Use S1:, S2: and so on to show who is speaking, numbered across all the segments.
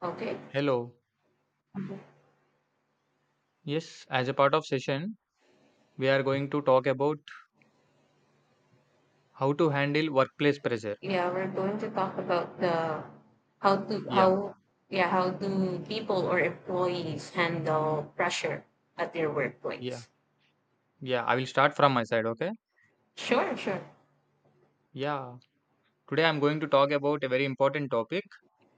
S1: Okay.
S2: Hello. Yes, as a part of session, we are going to talk about how to handle workplace pressure.
S1: Yeah, we're going to talk about the how to
S2: Yeah,
S1: how yeah, how do people or employees handle pressure at their
S2: yeah,
S1: workplace?
S2: yeah. I will start from my side, okay?
S1: Sure, sure.
S2: Yeah. Today I'm going to talk about a very important topic,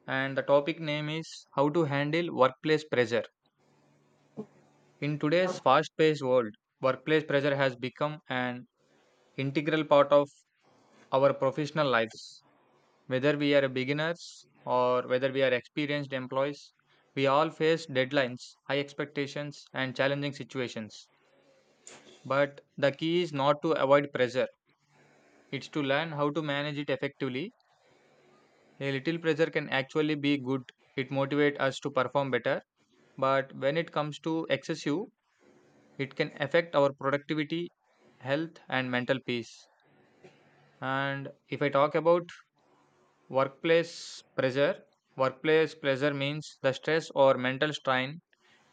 S2: and the topic name is how to handle workplace pressure. In today's fast-paced world, workplace pressure has become an integral part of our professional lives. Whether we are beginners or whether we are experienced employees, we all face deadlines, high expectations, and challenging situations. But the key is not to avoid pressure, it's to learn how to manage it effectively. A little pressure can actually be good, it motivates us to perform better. But when it comes to excessive, it can affect our productivity, health, and mental peace. And if I talk about workplace pressure, workplace pressure means the stress or mental strain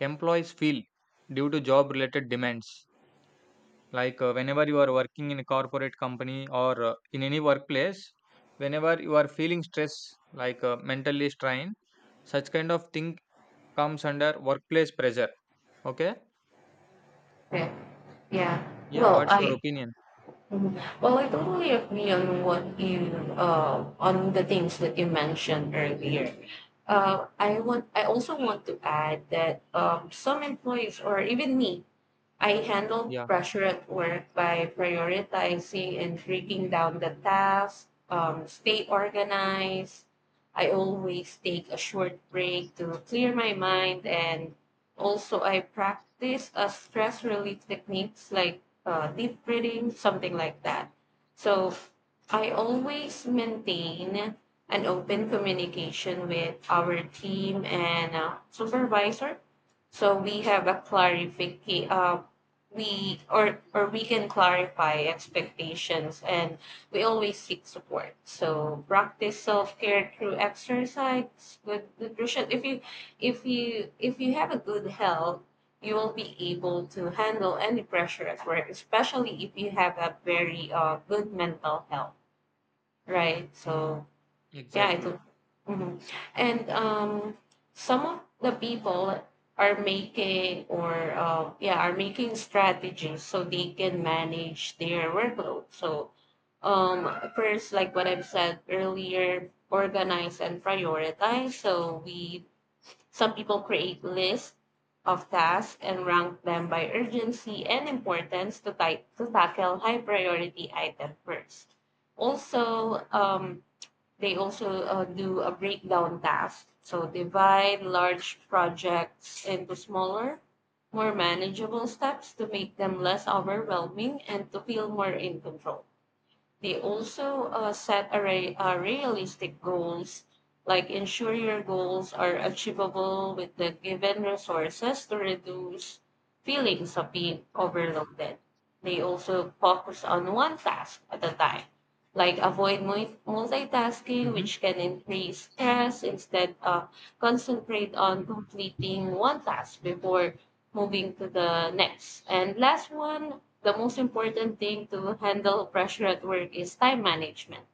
S2: employees feel due to job related demands. Like, whenever you are working in a corporate company or in any workplace, whenever you are feeling stress, like mentally strained, such kind of thing comes under workplace pressure. Okay.
S1: Okay. Yeah.
S2: Yeah.
S1: Well,
S2: What's
S1: I
S2: your opinion?
S1: mhm. well, I totally agree on what you on the things that you mentioned earlier. I also want to add that some employees or even me, I handle
S2: Yeah.
S1: pressure at work by prioritizing and breaking down the tasks, stay organized. I always take a short break to clear my mind, and also I practice a stress relief techniques like deep breathing, something like that. So I always maintain an open communication with our team and supervisor, so we have a clarification. We or we can clarify expectations, and we always seek support. So practice self care through exercise, good nutrition. If you have a good health, you will be able to handle any pressure at work, especially if you have a very good mental health, right? So yeah, I
S2: Exactly.
S1: do. Mhm. And some of the people are making or yeah are making strategies so they can manage their workload. So um, first, like what I've said earlier, organize and prioritize. So we, some people create lists of tasks and rank them by urgency and importance to, type, to tackle high priority item first. Also, they also do a breakdown task. So divide large projects into smaller, more manageable steps to make them less overwhelming and to feel more in control. They also set a realistic goals, like ensure your goals are achievable with the given resources to reduce feelings of being overloaded. They also focus on one task at a time, like avoid multitasking,
S2: hmm
S1: which can increase stress. Instead, concentrate on completing one task before moving to the next. And last one, the most important thing to handle pressure at work is time management.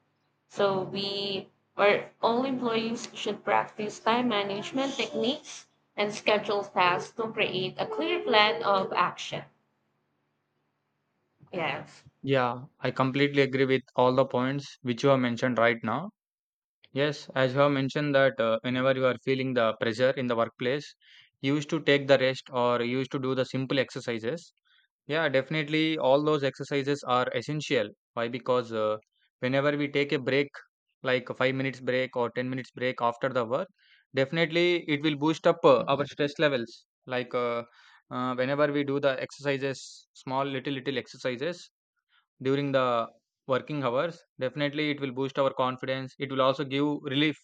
S1: So we or all employees should practice time management techniques and schedule tasks to create a clear plan of action. Yes.
S2: Yeah. I completely agree with all the points which you have mentioned right now. Yes, as you have mentioned that whenever you are feeling the pressure in the workplace, you used to take the rest or you used to do the simple exercises. Yeah, definitely all those exercises are essential. Why? Because whenever we take a break, like a 5 minutes break or 10 minutes break after the work, definitely it will boost up our stress levels. Like whenever we do the exercises, small little exercises, during the working hours definitely it will boost our confidence, it will also give relief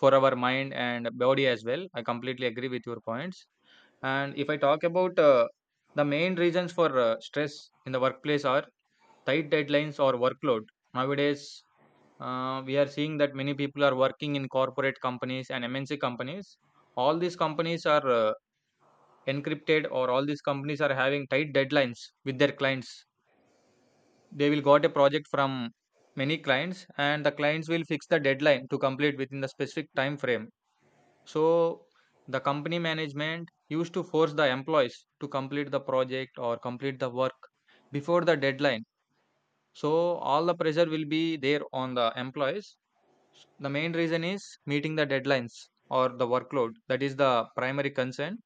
S2: for our mind and body as well. I completely agree with your points. And if I talk about the main reasons for stress in the workplace are tight deadlines or workload. Nowadays we are seeing that many people are working in corporate companies and MNC companies. All these companies are encrypted, or all these companies are having tight deadlines with their clients. They will got a project from many clients, and the clients will fix the deadline to complete within the specific time frame. So the company management used to force the employees to complete the project or complete the work before the deadline. So all the pressure will be there on the employees. The main reason is meeting the deadlines or the workload. That is the primary concern.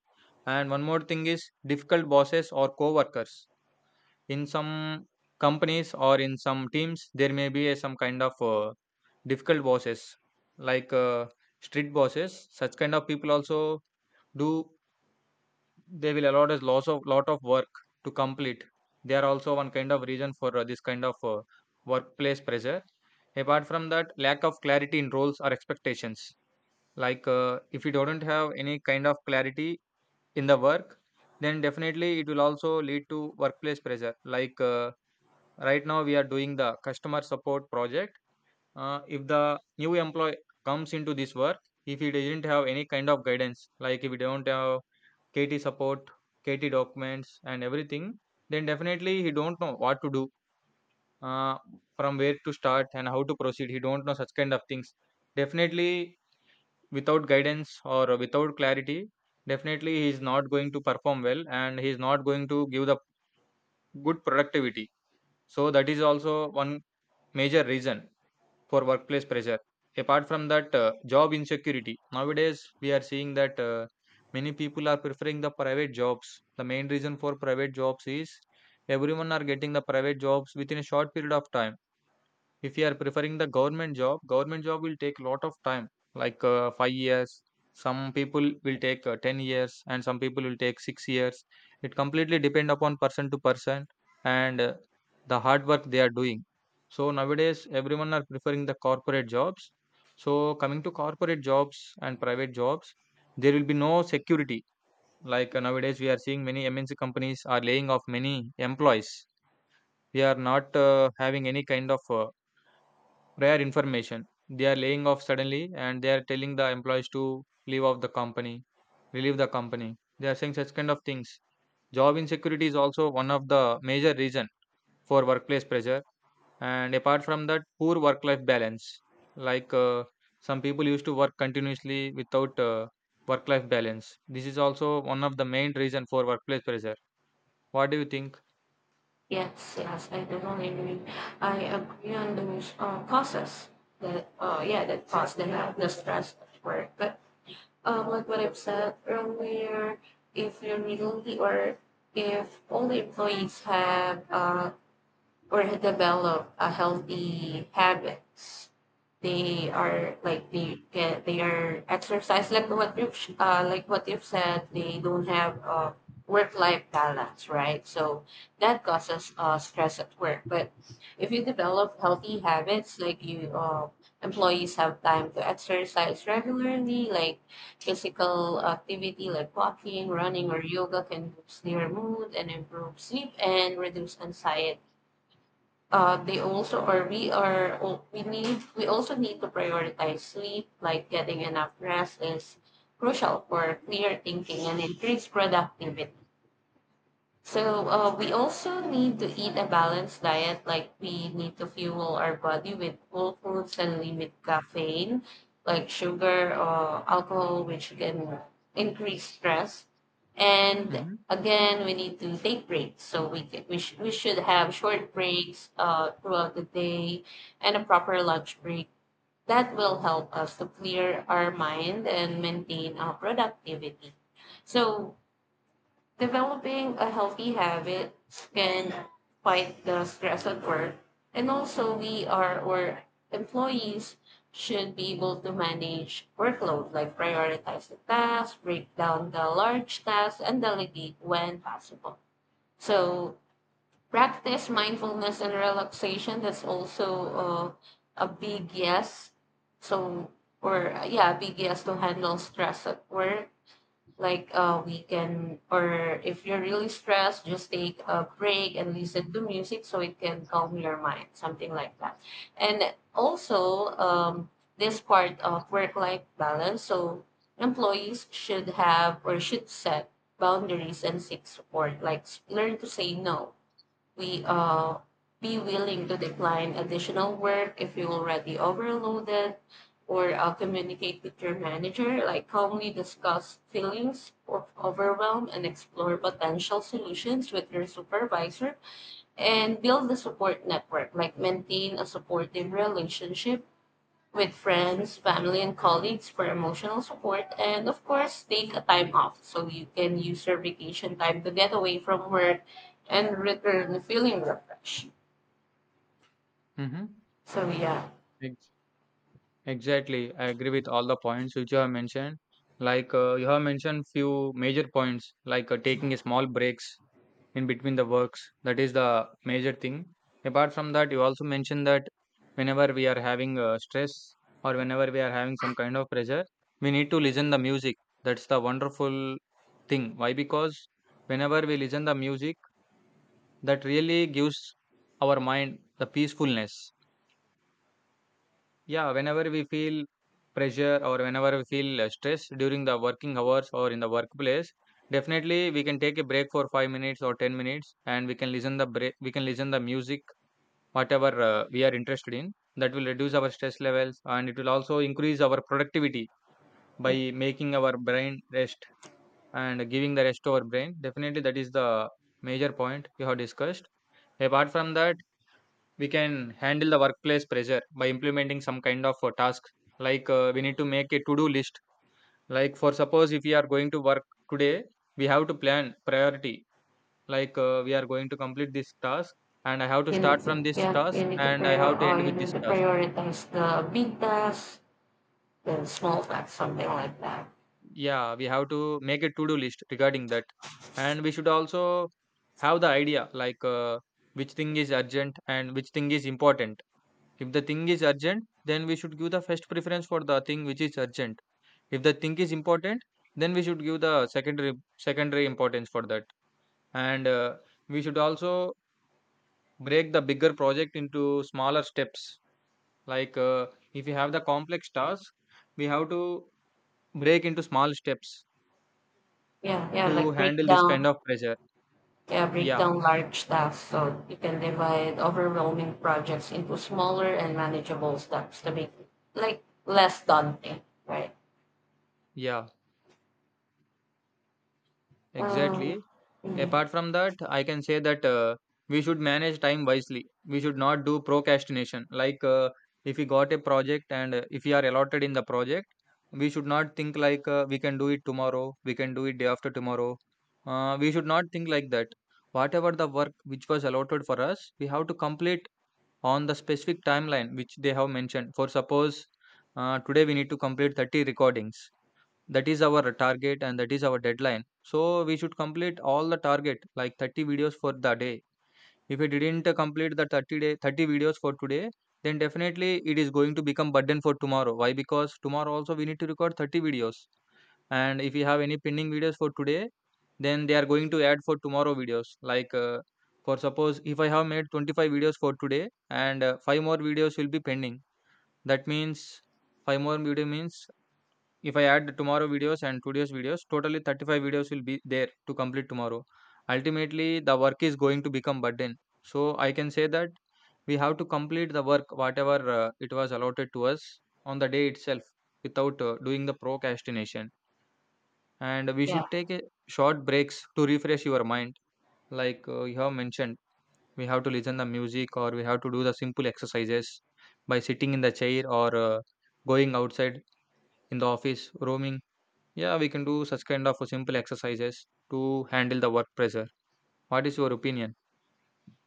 S2: And one more thing is difficult bosses or co-workers. In some companies or in some teams, there may be a, some kind of difficult bosses, like strict bosses. Such kind of people also do, they will allot us lot of work to complete. They are also one kind of reason for this kind of workplace pressure. Apart from that, lack of clarity in roles or expectations. Like if you don't have any kind of clarity in the work, then definitely it will also lead to workplace pressure. Like right now we are doing the customer support project. If the new employee comes into this work, if he doesn't have any kind of guidance, like if we don't have KT support, KT documents and everything, then definitely he don't know what to do, uh, from where to start and how to proceed. He don't know such kind of things. Definitely, without guidance or without clarity, definitely he is not going to perform well, and he is not going to give the good productivity. So that is also one major reason for workplace pressure. Apart from that, job insecurity. Nowadays, we are seeing that many people are preferring the private jobs. The main reason for private jobs is everyone are getting the private jobs within a short period of time. If you are preferring the government job will take a lot of time, like 5 years. Some people will take 10 years, and some people will take 6 years. It completely depend upon person to person, and the hard work they are doing. So nowadays, everyone are preferring the corporate jobs. So coming to corporate jobs and private jobs, there will be no security. Like nowadays, we are seeing many MNC companies are laying off many employees. We are not having any kind of rare information. They are laying off suddenly, and they are telling the employees to leave off the company, relieve the company. They are saying such kind of things. Job insecurity is also one of the major reason for workplace pressure. And apart from that, poor work-life balance. Like some people used to work continuously without work-life balance. This is also one of the main reason for workplace pressure. What do you think?
S1: Yes, yes, I totally agree. I agree on those causes that, yeah, that cause the health, the stress at work. But like what I've said earlier, if you really or if all the employees have or develop a healthy habits. They are like they are exercise like what you've said. They don't have a work life balance, right? So that causes stress at work. But if you develop healthy habits, like you employees have time to exercise regularly, like physical activity like walking, running, or yoga can boost their mood and improve sleep and reduce anxiety. They also or we are oh, we need we also need to prioritize sleep, like getting enough rest is crucial for clear thinking and increased productivity. So we also need to eat a balanced diet, like we need to fuel our body with whole foods and limit caffeine, like sugar or alcohol, which can increase stress. And
S2: Mm-hmm.
S1: again, we need to take breaks. So we ca- we, sh- we should have short breaks throughout the day and a proper lunch break. That will help us to clear our mind and maintain our productivity. So developing a healthy habit can fight the stress at work, and also we are or employees should be able to manage workload, like prioritize the tasks, break down the large tasks, and delegate when possible. So practice mindfulness and relaxation. That's also a big yes. So or yeah, big yes to handle stress at work, like we can, or if you're really stressed, just take a break and listen to music so it can calm your mind, something like that. And also this part of work-life balance, so employees should have or should set boundaries and seek support, like learn to say no. We be willing to decline additional work if you're already overloaded, or communicate with your manager, like calmly discuss feelings of overwhelm and explore potential solutions with your supervisor, and build the support network, like maintain a supportive relationship with friends, family, and colleagues for emotional support. And of course, take a time off so you can use your vacation time to get away from work and return feeling refreshed.
S2: Mm-hmm.
S1: So yeah,
S2: Exactly, I agree with all the points which you have mentioned. Like you have mentioned few major points, like taking a small breaks in between the works. That is the major thing. Apart from that, you also mentioned that whenever we are having stress or whenever we are having some kind of pressure, we need to listen the music. That's the wonderful thing. Why? Because whenever we listen the music, that really gives our mind the peacefulness. Yeah, whenever we feel pressure or whenever we feel stress during the working hours or in the workplace, definitely we can take a break for 5 minutes or 10 minutes, and we can we can listen the music whatever we are interested in. That will reduce our stress levels, and it will also increase our productivity by making our brain rest and giving the rest to our brain. Definitely that is the major point you have discussed. Apart from that, we can handle the workplace pressure by implementing some kind of a task. Like we need to make a to do list. Like for suppose, if we are going to work today, we have to plan priority. Like we are going to complete this task, and I have to
S1: you
S2: start
S1: need to
S2: from this
S1: yeah, you
S2: task
S1: need to
S2: and I
S1: prior
S2: have to end
S1: you
S2: with
S1: need
S2: this
S1: to
S2: task.
S1: prioritize the big tasks, then small tasks, something like that.
S2: Yeah, we have to make a to do list regarding that. And we should also have the idea like which thing is urgent and which thing is important. If the thing is urgent, then we should give the first preference for the thing which is urgent. If the thing is important, then we should give the secondary importance for that. And we should also break the bigger project into smaller steps. Like if you have the complex task, we have to break into small steps
S1: Yeah, yeah,
S2: to
S1: like break
S2: handle this
S1: down,
S2: kind of pressure.
S1: yeah, break
S2: Yeah,
S1: down large tasks so you can divide overwhelming projects into smaller and manageable steps to make it, like, less daunting, right?
S2: yeah,
S1: Um,
S2: exactly.
S1: mm,
S2: Apart from that, I can say that we should manage time wisely. We should not do procrastination. Like if we got a project and if we are allotted in the project, we should not think like we can do it tomorrow, we can do it day after tomorrow. We should not think like that. Whatever the work which was allotted for us, we have to complete on the specific timeline which they have mentioned. For suppose today we need to complete 30 recordings. That is our target and that is our deadline. So we should complete all the target, like 30 videos for the day. If we didn't complete the 30 videos for today, then definitely it is going to become burden for tomorrow. Why? Because tomorrow also we need to record 30 videos, and if you have any pending videos for today, then they are going to add for tomorrow videos. Like for suppose, if I have made 25 videos for today, and 5 more videos will be pending, that means five more video means if I add the tomorrow videos and today's videos, totally 35 videos will be there to complete tomorrow. Ultimately, the work is going to become burden. So I can say that we have to complete the work whatever it was allotted to us on the day itself without doing the procrastination. And we
S1: yeah,
S2: should take a short breaks to refresh your mind, like you have mentioned, we have to listen the music or we have to do the simple exercises by sitting in the chair or going outside in the office roaming. Yeah, we can do such kind of simple exercises to handle the work pressure. What is your opinion?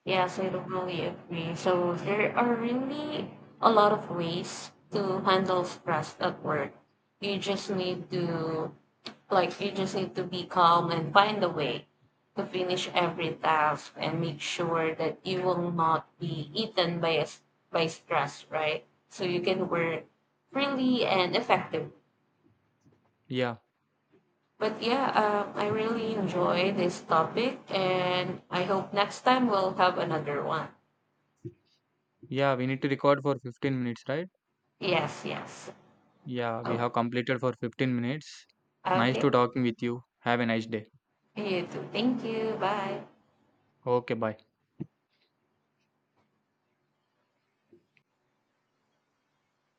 S1: yes, I totally agree. So there are really a lot of ways to handle stress at work. You just need to, like, you just need to be calm and find a way to finish every task and make sure that you will not be eaten by by stress, right? So you can work freely and effectively.
S2: Yeah,
S1: But yeah, I really enjoy this topic, and I hope next time we'll have another one.
S2: yeah, we need to record for 15 minutes, right?
S1: Yes, yes.
S2: Yeah, we
S1: Oh,
S2: have completed for 15 minutes. Nice
S1: okay.
S2: to talking with you. Have a nice day.
S1: You too. Thank you. Bye.
S2: Okay, bye.